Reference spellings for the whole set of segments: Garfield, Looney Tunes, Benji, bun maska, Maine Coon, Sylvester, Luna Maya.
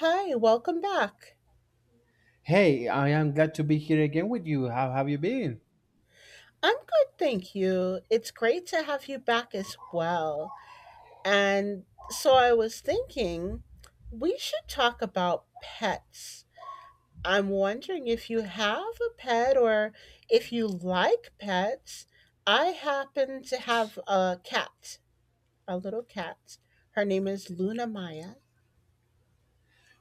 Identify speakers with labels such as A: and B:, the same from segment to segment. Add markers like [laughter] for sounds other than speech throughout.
A: Hi, welcome back.
B: Hey, I am glad to be here again with you. How have you been?
A: I'm good, thank you. It's great to have you back as well. And so I was thinking we should talk about pets. I'm wondering if you have a pet or if you like pets. I happen to have a cat, a little cat. Her name is Luna Maya.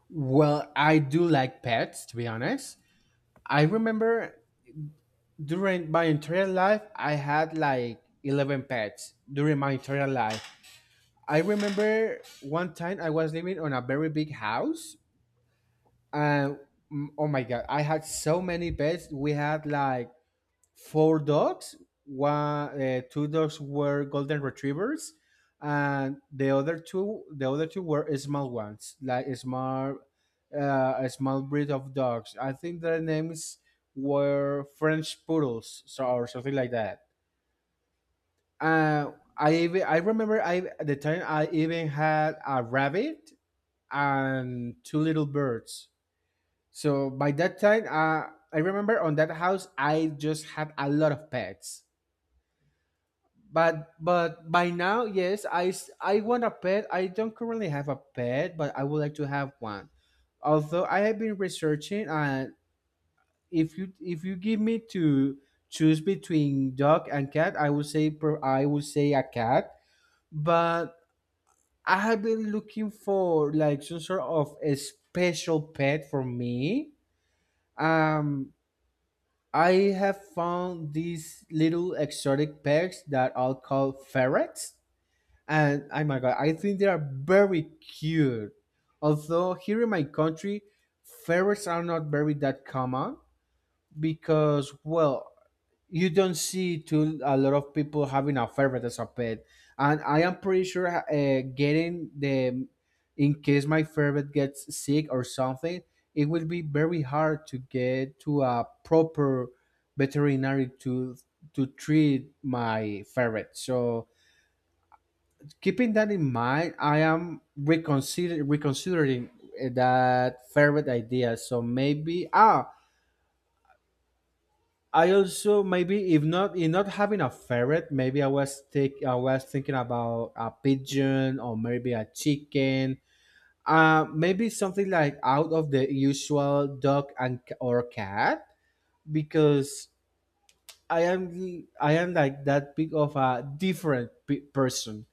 B: Well, I do like pets, to be honest. I remember during my entire life, I had like 11 pets during my entire life. I remember one time I was living on a very big house, and oh my God, I had so many pets. We had like four dogs. Two dogs were golden retrievers, and the other two were small ones, like a small breed of dogs. I think their names were French poodles, so or something like that. Uh, I remember I at the time I even had a rabbit and two little birds. So by that time, I remember on that house I just had a lot of pets. But by now, yes, I s- I want a pet. I don't currently have a pet, but I would like to have one. Although I have been researching, and if you give me to choose between dog and cat, I would say a cat. But I have been looking for like some sort of a special pet for me. Um, I have found these little exotic pets that I'll call ferrets, and oh my god, I think they are very cute. Although here in my country, ferrets are not very that common because well, you don't see too a lot of people having a ferret as a pet, and I am pretty sure getting the, in case my ferret gets sick or something, it will be very hard to get to a proper veterinary to treat my ferret. So keeping that in mind, I am reconsidering that ferret idea. So I also maybe if not having a ferret, maybe I was take I was thinking about a pigeon or maybe a chicken. Maybe something like out of the usual dog and c- or cat because I am like that big of a person.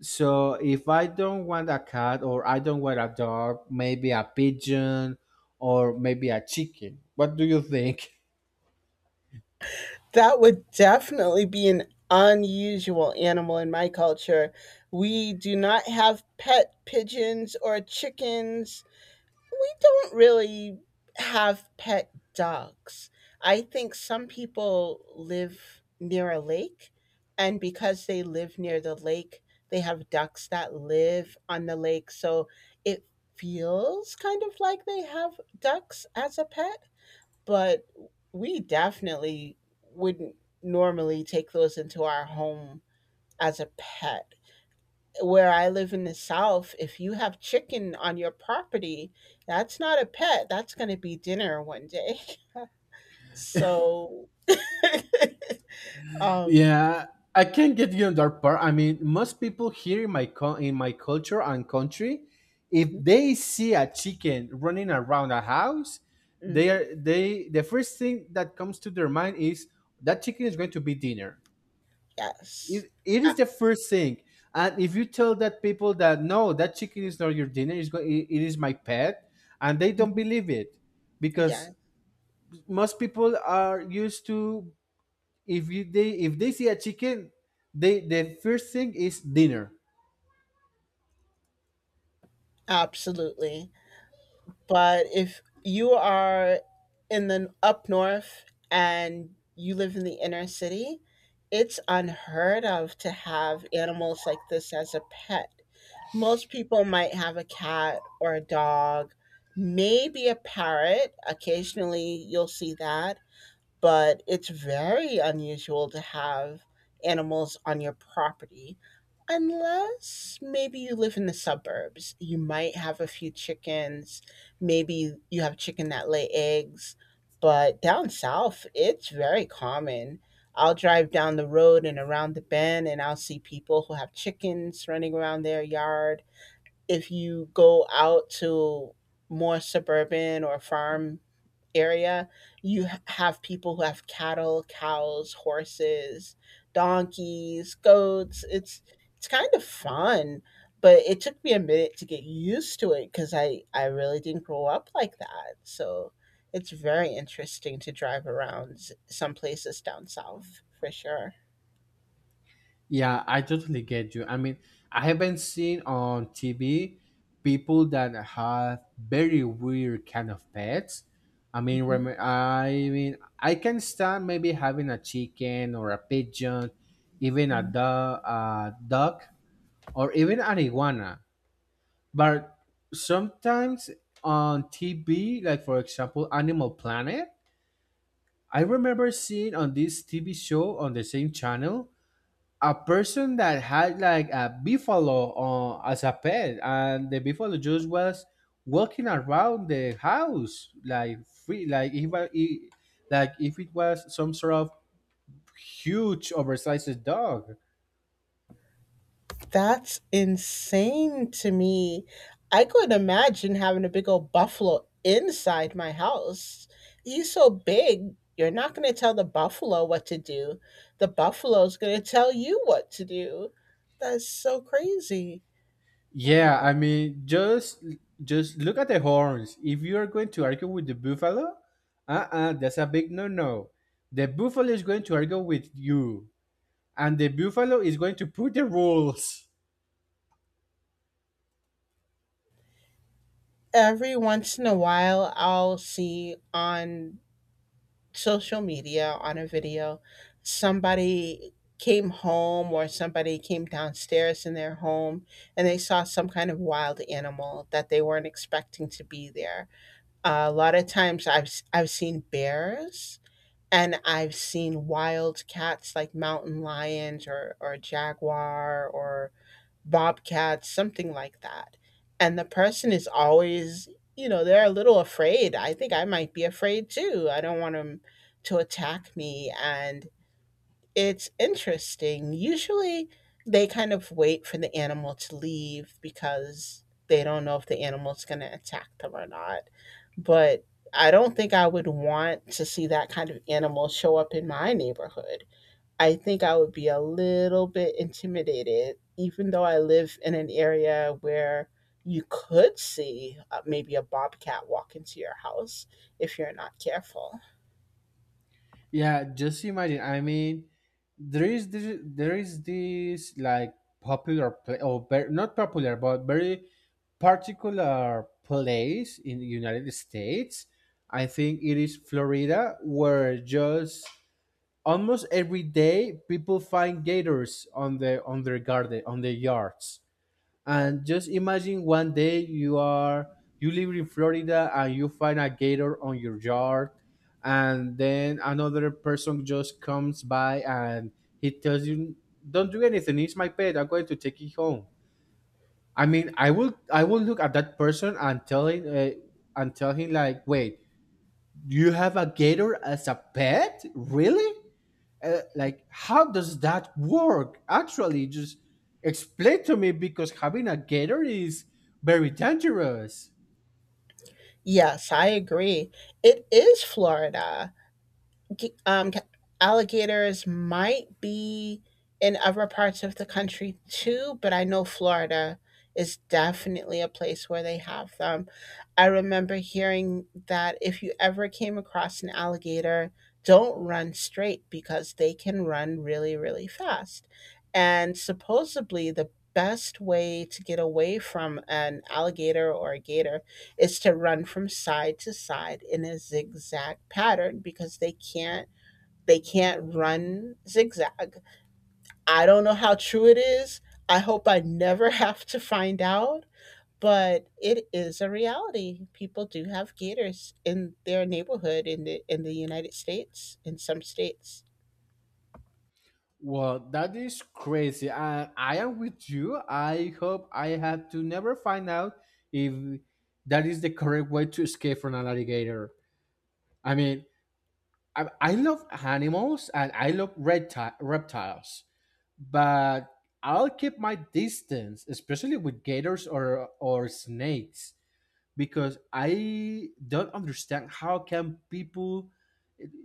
B: So if I don't want a cat or I don't want a dog, maybe a pigeon or maybe a chicken. What do you think? [laughs]
A: That would definitely be an unusual animal in my culture. We do not have pet pigeons or chickens. We don't really have pet dogs. I think some people live near a lake, and because they live near the lake, they have ducks that live on the lake. So it feels kind of like they have ducks as a pet, but we definitely wouldn't normally take those into our home as a pet. Where I live in the South, if you have chicken on your property, that's not a pet. That's going to be dinner one day. [laughs] So, [laughs] um,
B: Yeah, I can get you on that part. I mean, most people here in in my culture and country, if
A: mhm,
B: they see a chicken running around a house,
A: mhm,
B: they, the first thing that comes to their mind is that chicken is going to be dinner.
A: yes,
B: It is
A: A-
B: the first thing, and if you tell that people that no, that chicken is not your dinner, it, it is my pet, and they don't
A: mhm,
B: believe it
A: yeah,
B: because most people are used to, if you they if they see a chicken, they, the first thing is dinner.
A: absolutely. But if you are in the up north and you live in the inner city, it's unheard of to have animals like this as a pet. Most people might have a cat or a dog, maybe a parrot. Occasionally, you'll see that, but it's very unusual to have animals on your property unless maybe you live in the suburbs. You might have a few chickens, maybe you have chicken that lay eggs, but down south it's very common. I'll drive down the road and around the bend and I'll see people who have chickens running around their yard. If you go out to more suburban or farm area, you have people who have cattle, cows, horses, donkeys, goats. It's kind of fun, but it took me a minute to get used to it because I really didn't grow up like that. So it's very interesting to drive around some places down south for sure.
B: Yeah, I totally get you. I mean, I haven't seen on TV people that have very weird kind of pets.
A: Mhm.
B: I mean, I can stand maybe having a chicken or a pigeon, even a duck, or even an iguana. But sometimes on TV, like for example, Animal Planet, I remember seeing on this TV show on the same channel a person that had like a buffalo as a pet, and the buffalo just was walking around the house like free, like if I- I- like if it was some sort of huge oversized dog.
A: That's insane to me. I couldn't imagine having a big old buffalo inside my house. He's so big, you're not going to tell the buffalo what to do. The buffalo's going to tell you what to do. That's so crazy.
B: Yeah, I
A: Wow.
B: mean, just look at the horns. If you are going to argue with the buffalo, uh-uh, that's a big no-no. The buffalo is going to argue with you, and the buffalo is going to put the rules.
A: Every once in a while, I'll see on social media on a video. Somebody came home or somebody came downstairs in their home and they saw some kind of wild animal that they weren't expecting to be there. A lot of times I've seen bears and I've seen wild cats like mountain lions or jaguar or bobcats, something like that. And the person is always, you know, they're a little afraid. I think I might be afraid too. I don't want them to attack me. And it's interesting. Usually they kind of wait for the animal to leave because they don't know if the animal's going to attack them or not. But I don't think I would want to see that kind of animal show up in my neighborhood. I think I would be a little bit intimidated, even though I live in an area where you could see maybe a bobcat walk into your house if you're not careful.
B: Yeah, just imagine. I mean, there is this like popular place, or ver- not popular, but very particular place in the United States. I think it is Florida, where just almost every day people find gators on their garden on their yards. And just imagine one day you are, you live in Florida and you find a gator on your yard, and then another person just comes by and he tells you, "Don't do anything. It's my pet. I'm going to take it home." I mean, I will look at that person and tell him like, "Wait, you have a gator as a pet? Really?" Like how does that work actually? Just explain to me, because having a gator is very dangerous.
A: Yes, I agree. It is Florida. G- Um, ca- Alligators might be in other parts of the country too, but I know Florida is definitely a place where they have them. I remember hearing that if you ever came across an alligator, don't run straight because they can run really, really fast. And supposedly, the best way to get away from an alligator or a gator is to run from side to side in a zigzag pattern because they can't run zigzag. I don't know how true it is. I hope I never [laughs] have to find out, but it is a reality. People do have gators in their neighborhood in the United States, in some states.
B: Well, that is crazy, and I am with you. I hope I have to never find out if that is the correct way to escape from an alligator. I mean, I love animals and I love reptiles, but I'll keep my distance, especially with gators or snakes, because I don't understand how can people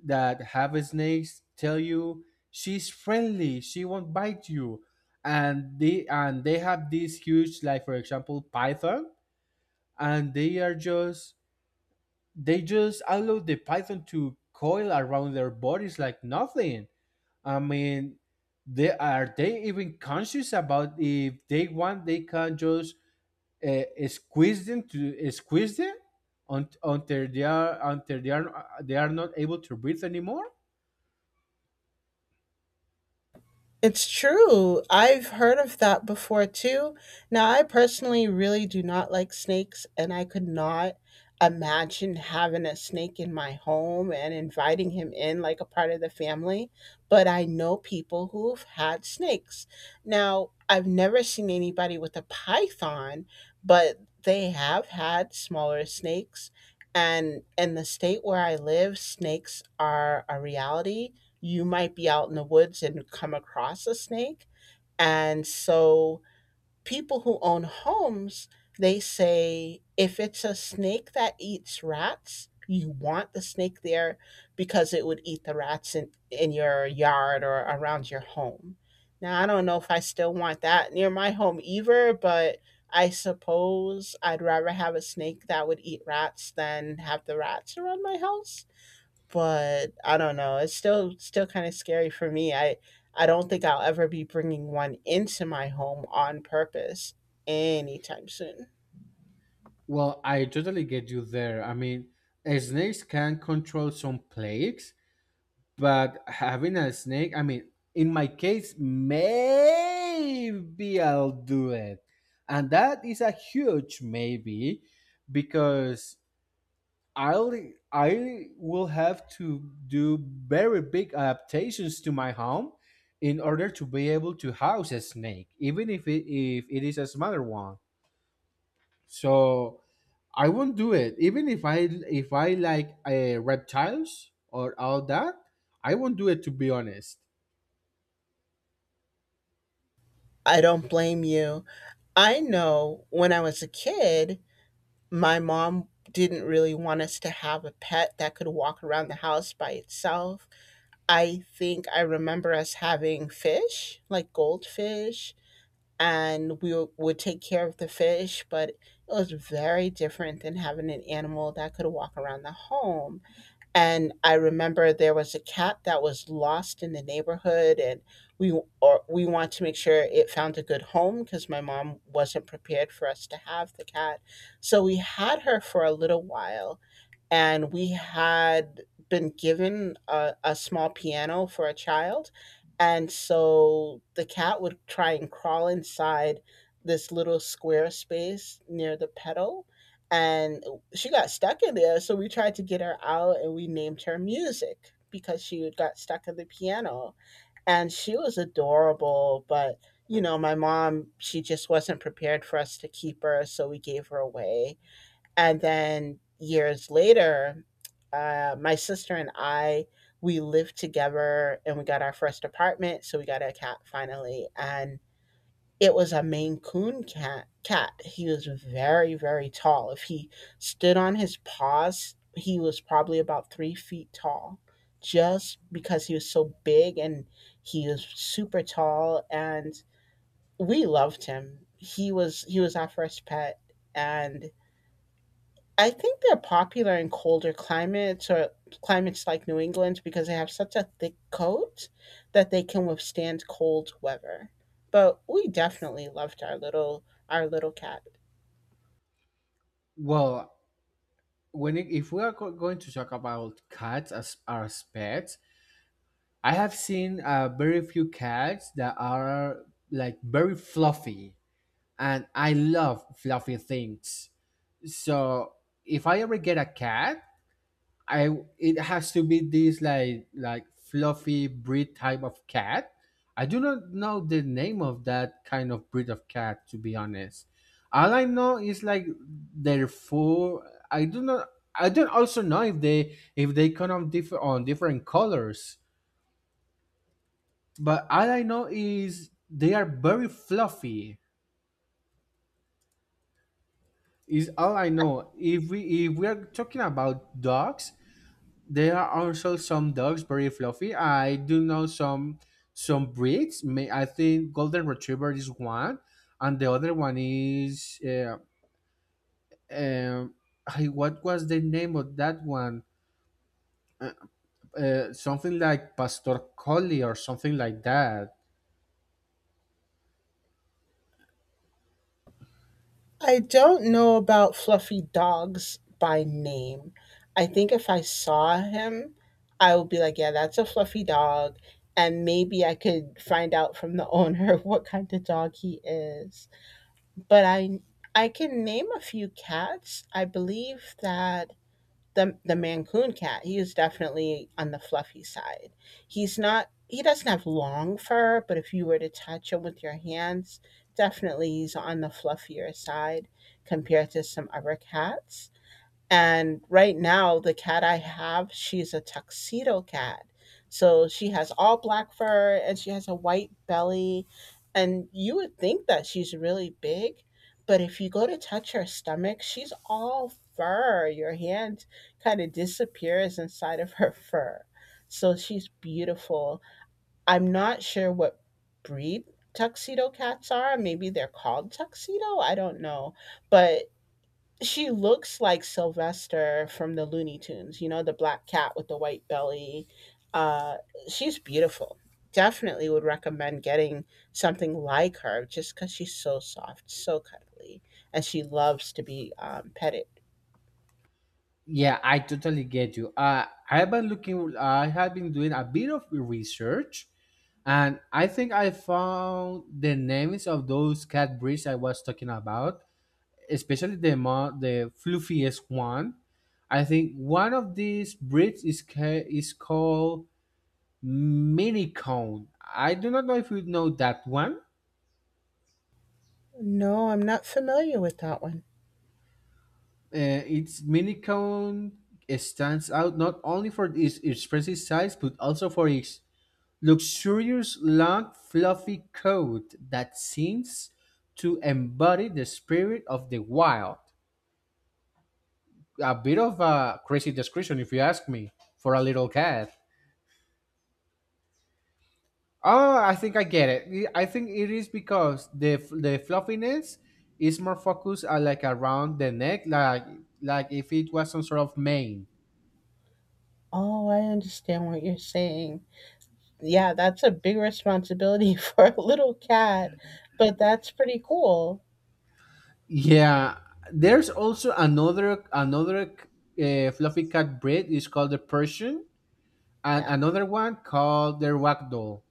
B: that have snakes tell you she's friendly, she won't bite you, and they have these huge, like for example python, and they are just, they just allow the python to coil around their bodies like nothing. I mean, they even conscious about if they want they can just squeeze them until they are they are not able to breathe anymore.
A: It's true. I've heard of that before too. Now, I personally really do not like snakes, and I could not imagine having a snake in my home and inviting him in like a part of the family. But I know people who've had snakes. Now, I've never seen anybody with a python, but they have had smaller snakes. And in the state where I live, snakes are a reality. You might be out in the woods and come across a snake. And so people who own homes, they say if it's a snake that eats rats, you want the snake there because it would eat the rats in your yard or around your home. Now, I don't know if I still want that near my home either, but I suppose I'd rather have a snake that would eat rats than have the rats around my house, but I don't know. It's still kind of scary for me. I don't think I'll ever be bringing one into my home on purpose anytime soon.
B: Well, I totally get you there. I mean, snakes can control some plagues, but having a snake, I mean, in my case, maybe I'll do it, and that is a huge maybe, because I'll I will have to do very big adaptations to my home in order to be able to house a snake, even if it is a smaller one. So I won't do it. Even if I like reptiles or all that, I won't do it, to be honest.
A: I don't blame you. I know when I was a kid, my mom didn't really want us to have a pet that could walk around the house by itself. I think I remember us having fish, like goldfish, and would take care of the fish, but it was very different than having an animal that could walk around the home. And I remember there was a cat that was lost in the neighborhood, and we w- or we want to make sure it found a good home because my mom wasn't prepared for us to have the cat, so we had her for a little while and we had been given a small piano for a child. And so the cat would try and crawl inside this little square space near the pedal. And she got stuck in there. So we tried to get her out and we named her Music because she had got stuck in the piano. And she was adorable. But, you know, my mom, she just wasn't prepared for us to keep her. So we gave her away. And then years later, my sister and I, we lived together and we got our first apartment. So we got a cat finally. And it was a Maine Coon cat. He was very, very tall. If he stood on his paws, he was probably about 3 feet tall just because he was so big and he was super tall. And we loved him. He was our first pet. And I think they're popular in colder climates or climates like New England because they have such a thick coat that they can withstand cold weather. But we definitely loved our little cat.
B: Well, if we are going to talk about cats as pets, I have seen very few cats that are like very fluffy, and I love fluffy things. So if I ever get a cat, I it has to be this like fluffy breed type of cat. I do not know the name of that kind of breed of cat, to be honest. All I know is like their fur. I do not. I don't also know if they come of differ on different colors. But all I know is they are very fluffy, is all I know. If we are talking about dogs, there are also some dogs very fluffy. I do know some breeds. May I think golden retriever is one, and the other one is um, what was the name of that one? Something like pastor collie or something like that.
A: I don't know about fluffy dogs by name. I think if I saw him, I would be like, yeah, that's a fluffy dog. And maybe I could find out from the owner [laughs] what kind of dog he is. But I can name a few cats. I believe that the Mancoon cat, he is definitely on the fluffy side. He's not, he doesn't have long fur, but if you were to touch him with your hands, definitely he's on the fluffier side compared to some other cats. And right now, the cat I have, she's a tuxedo cat. So she has all black fur and she has a white belly. And you would think that she's really big, but if you go to touch her stomach, she's all fur. Your hand kind of disappears inside of her fur. So she's beautiful. I'm not sure what breed tuxedo cats are. Maybe they're called tuxedo. I don't know. But she looks like Sylvester from the Looney Tunes, you know, the black cat with the white belly. Uh, she's beautiful. Definitely would recommend getting something like her just because she's so soft, so cuddly, and she loves to be petted.
B: Yeah, I totally get you. I have been looking. I have been doing a bit of research, and I think I found the names of those cat breeds I was talking about, especially the fluffiest one. I think one of these breeds is is called mini cone. I do not know if you know that one.
A: No, I'm not familiar with that one.
B: Its mini cone stands out not only for its expressive size but also for its luxurious long fluffy coat that seems to embody the spirit of the wild. A bit of a crazy description, if you ask me, for a little cat. Oh, I think I get it. I think it is because the fluffiness is more focused like around the neck, like if it was some sort of mane.
A: Oh, I understand what you're saying. Yeah, that's a big responsibility [laughs] for a little cat, but that's pretty cool.
B: Yeah, there's also another fluffy cat breed. It's called the Persian, and
A: Yes,
B: another one called the ragdoll.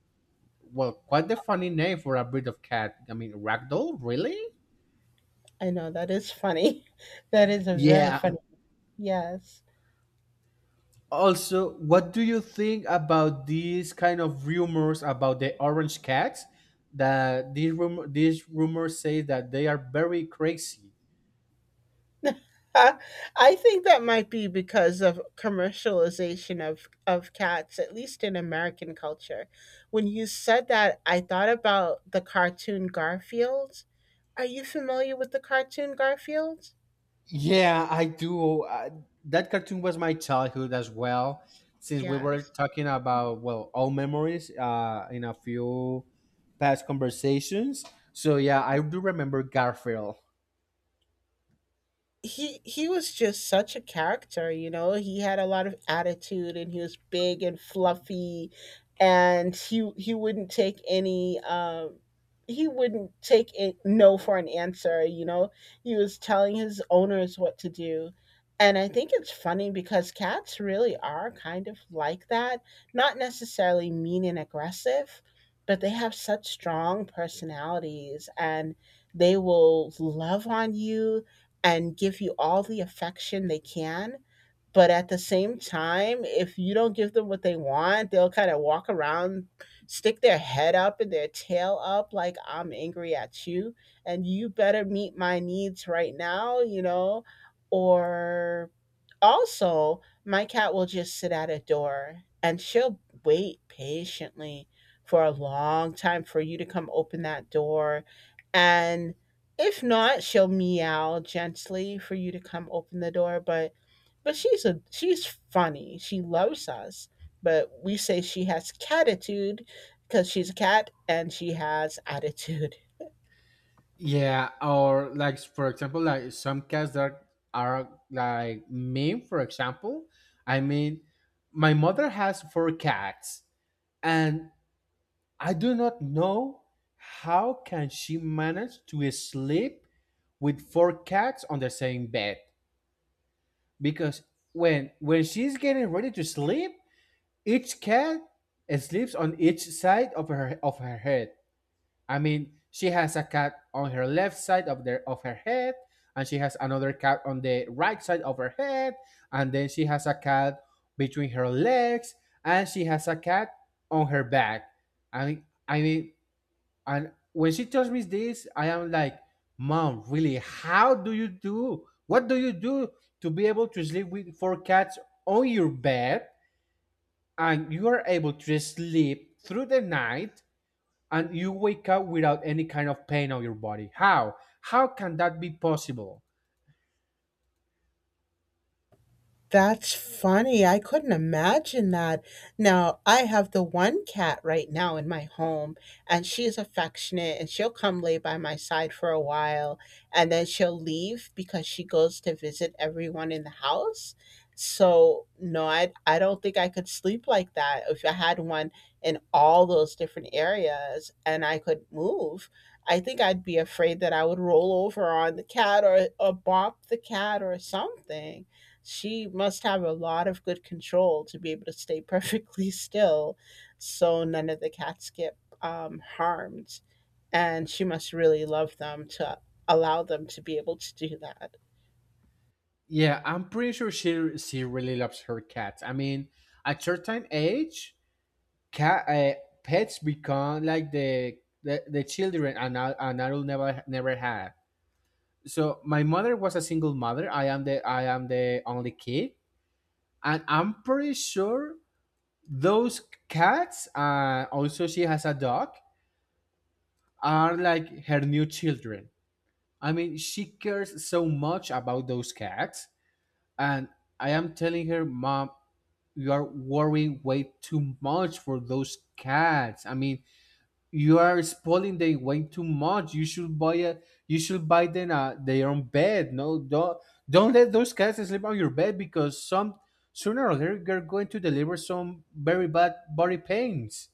B: Well, quite the funny name for a breed of cat. I mean, ragdoll, really?
A: I know that is funny. [laughs] That is a very
B: Yeah.
A: funny. Yes.
B: Also, what do you think about these kind of rumors about the orange cats? That these rumors say that they are very crazy.
A: Uh, I think that might be because of commercialization of cats, at least in American culture. When you said that, I thought about the cartoon Garfield. Are you familiar with the cartoon Garfield?
B: Yeah, I do. That cartoon was my childhood as well. Since we were
A: Yes.
B: talking about, well, all memories in a few past conversations. So yeah, I do remember Garfield.
A: He was just such a character, you know. He had a lot of attitude and he was big and fluffy and he wouldn't take any he wouldn't take it no for an answer, you know. He was telling his owners what to do. And I think it's funny because cats really are kind of like that, not necessarily mean and aggressive, but they have such strong personalities and they will love on you and give you all the affection they can. But at the same time, if you don't give them what they want, they'll kind of walk around, stick their head up and their tail up, like, I'm angry at you, and you better meet my needs right now, you know? Or also, my cat will just sit at a door and she'll wait patiently for a long time for you to come open that door. And if not, she'll meow gently for you to come open the door, but she's funny. She loves us. But we say she has catitude because she's a cat and she has attitude.
B: Yeah, or like for example, like some cats that are like me. For example, I mean, my mother has four cats, and I do not know how can she manage to sleep with four cats on the same bed because when she's getting ready to sleep, each cat sleeps on each side of her head. I mean, she has a cat on her left side of the of her head, and she has another cat on the right side of her head, and then she has a cat between her legs, and she has a cat on her back. I mean, and when she tells me this, I am like, Mom, really, how do you do? What do you do to be able to sleep with four cats on your bed and you are able to sleep through the night and you wake up without any kind of pain on your body? How? How can that be possible?
A: That's funny. I couldn't imagine that. Now, I have the one cat right now in my home, and she's affectionate and she'll come lay by my side for a while and then she'll leave because she goes to visit everyone in the house. So, no, I don't think I could sleep like that if I had one in all those different areas and I could move. I think I'd be afraid that I would roll over on the cat or bop the cat or something. She must have a lot of good control to be able to stay perfectly [laughs] still, so none of the cats get harmed. And she must really love them to allow them to be able to do that.
B: Yeah, I'm pretty sure she really loves her cats. I mean, at certain age, cat pets become like the children an adult never had. So my mother was a single mother. I am the only kid, and I'm pretty sure those cats, also she has a dog, are like her new children. I mean, she cares so much about those cats, and I am telling her, Mom, you are worrying way too much for those cats. I mean, you are spoiling their way too much. You should buy them their own bed. No, don't let those cats sleep on your bed because some sooner or later they're going to deliver some very bad body pains.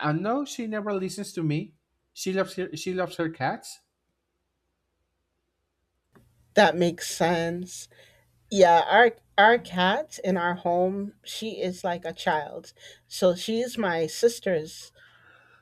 B: And no, she never listens to me. She loves her cats.
A: That makes sense. Yeah, our cat in our home, she is like a child. So she's my sister's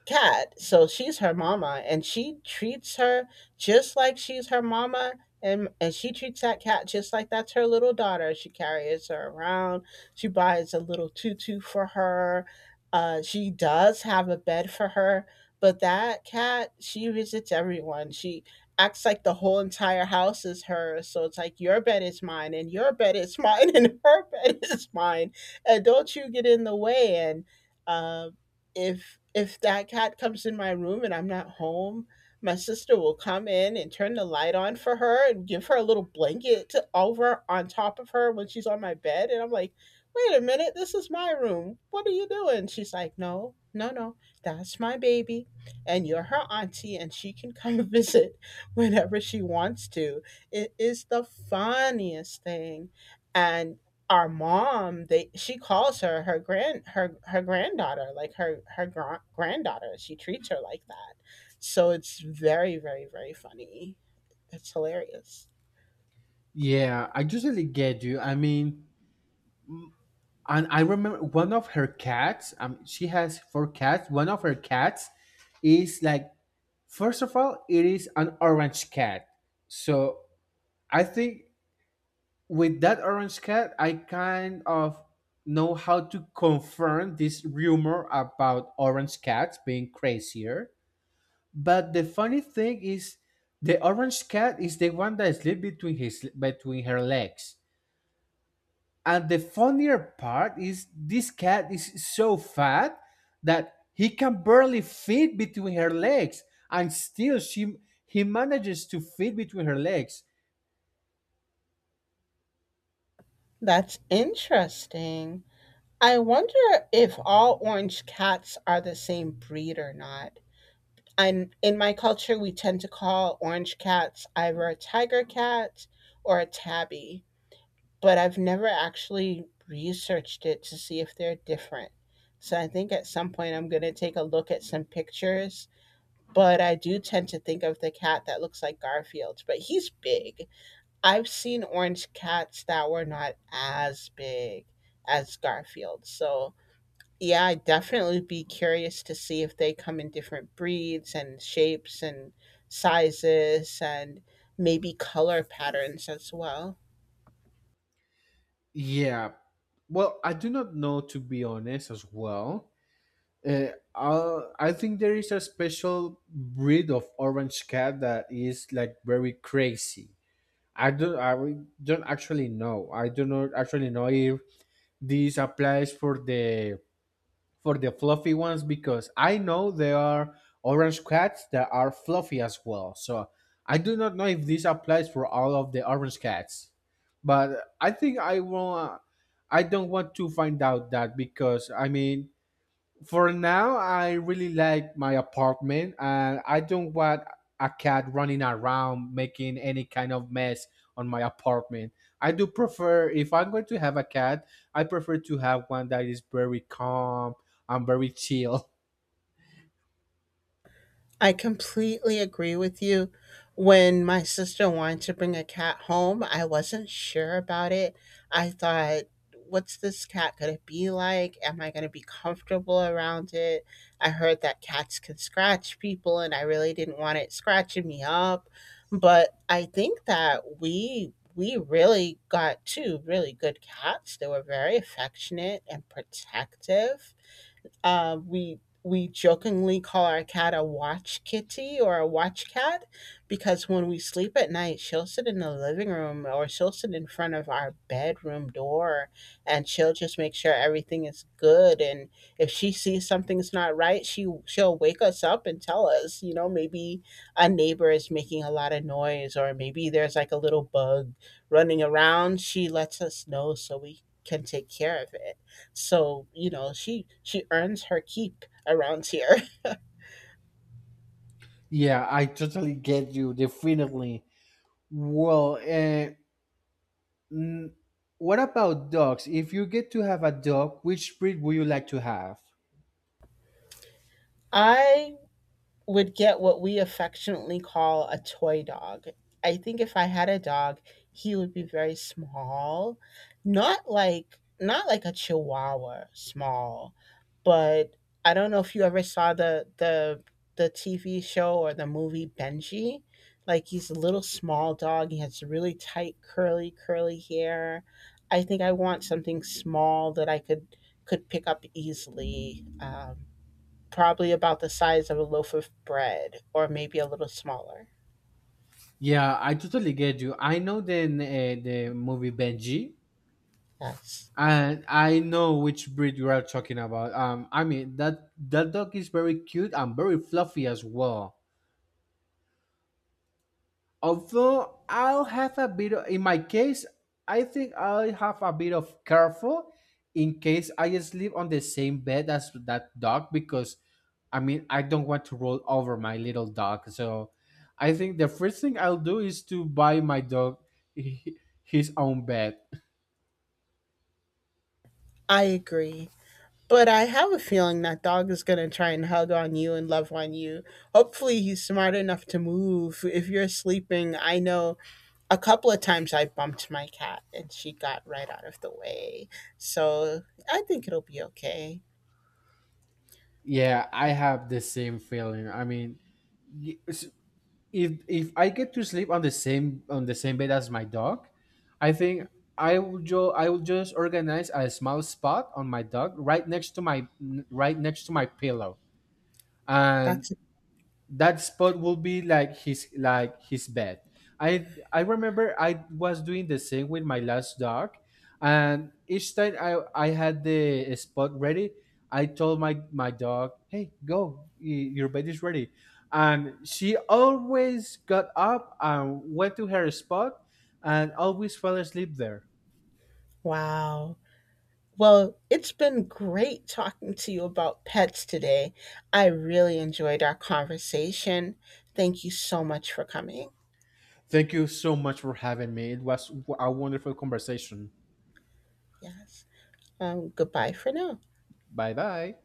A: cat. So she's her mama, and she treats her just like she's her mama, and she treats that cat just like that's her little daughter. She carries her around. She buys a little tutu for her. She does have a bed for her, but that cat, she visits everyone. She acts like the whole entire house is hers. So it's like your bed is mine, and your bed is mine, [laughs] and her bed is mine, and don't you get in the way. And. Um, if that cat comes in my room and I'm not home, my sister will come in and turn the light on for her and give her a little blanket to over on top of her when she's on my bed, and I'm like, "Wait a minute, this is my room. What are you doing?" She's like, "No, no, no. That's my baby and you're her auntie and she can come [laughs] visit whenever she wants to." It is the funniest thing. And our mom, they she calls her her granddaughter like her her granddaughter. She treats her like that, so it's very, very, very funny. It's hilarious.
B: Yeah, I totally get you. I mean, and I remember one of her cats. She has four cats. One of her cats is like, first of all, it is an orange cat. So I think with that orange cat, I kind of know how to confirm this rumor about orange cats being crazier. But the funny thing is, the orange cat is the one that sleeps between her legs. And the funnier part is, this cat is so fat that he can barely fit between her legs, and still she he manages to fit between her legs.
A: That's interesting. I wonder if all orange cats are the same breed or not, and in my culture we tend to call orange cats either a tiger cat or a tabby, but I've never actually researched it to see if they're different. So I think at some point I'm going to take a look at some pictures, but I do tend to think of the cat that looks like Garfield, but he's big. I've seen orange cats that were not as big as Garfield. So yeah, I'd definitely be curious to see if they come in different breeds and shapes and sizes and maybe color patterns as well.
B: Yeah. Well, I do not know, to be honest, as well. Uh, I think there is a special breed of orange cat that is like very crazy. I don't actually know. I do not actually know if this applies for the fluffy ones, because I know there are orange cats that are fluffy as well. So I do not know if this applies for all of the orange cats, but I think I will. I don't want to find out that because I mean, for now I really like my apartment and I don't want a cat running around making any kind of mess on my apartment. I do prefer, if I'm going to have a cat, I prefer to have one that is very calm and very chill.
A: I completely agree with you. When my sister wanted to bring a cat home, I wasn't sure about it. I thought, what's this cat going to be like? Am I going to be comfortable around it? I heard that cats can scratch people, and I really didn't want it scratching me up. But I think that we. We really got two really good cats. They were very affectionate and protective. We jokingly call our cat a watch kitty or a watch cat, because when we sleep at night, she'll sit in the living room or she'll sit in front of our bedroom door, and she'll just make sure everything is good. And if she sees something's not right, she'll wake us up and tell us. You know, maybe a neighbor is making a lot of noise or maybe there's like a little bug running around. She lets us know so we can take care of it. So, you know, she earns her keep around here.
B: [laughs] Yeah, I totally get you, definitely. Well, n- what about dogs? If you get to have a dog, which breed would you like to have?
A: [laughs] I would get what we affectionately call a toy dog. I think if I had a dog, he would be very small, not like a chihuahua small, but I don't know if you ever saw the TV show or the movie Benji. Like he's a little small dog. He has really tight curly hair. I think I want something small that I could pick up easily. Probably about the size of a loaf of bread or maybe a little smaller.
B: Yeah, I totally get you. I know the movie Benji.
A: Yes.
B: And I know which breed you are talking about. I mean, that dog is very cute and very fluffy as well. Although I'll have a bit of, in my case, I think I'll have a bit of careful in case I sleep on the same bed as that dog, because I mean, I don't want to roll over my little dog. So I think the first thing I'll do is to buy my dog [laughs] his own bed.
A: I agree. But I have a feeling that dog is going to try and hug on you and love on you. Hopefully, he's smart enough to move. If you're sleeping, I know a couple of times I bumped my cat and she got right out of the way. So I think it'll be okay.
B: Yeah, I have the same feeling. I mean, y- s- if I get to sleep on the same bed as my dog, I think I will just organize a small spot on my dog right next to my pillow, and
A: That's
B: that spot will be like his bed. I remember I was doing the same with my last dog, and each time I had the spot ready, I told my dog, hey, go, your bed is ready, and she always got up and went to her spot and always fell asleep there.
A: wow. Well, it's been great talking to you about pets today. I really enjoyed our conversation. Thank you so much for coming.
B: Thank you so much for having me. It was a wonderful conversation.
A: Yes. Goodbye for now.
B: Bye bye.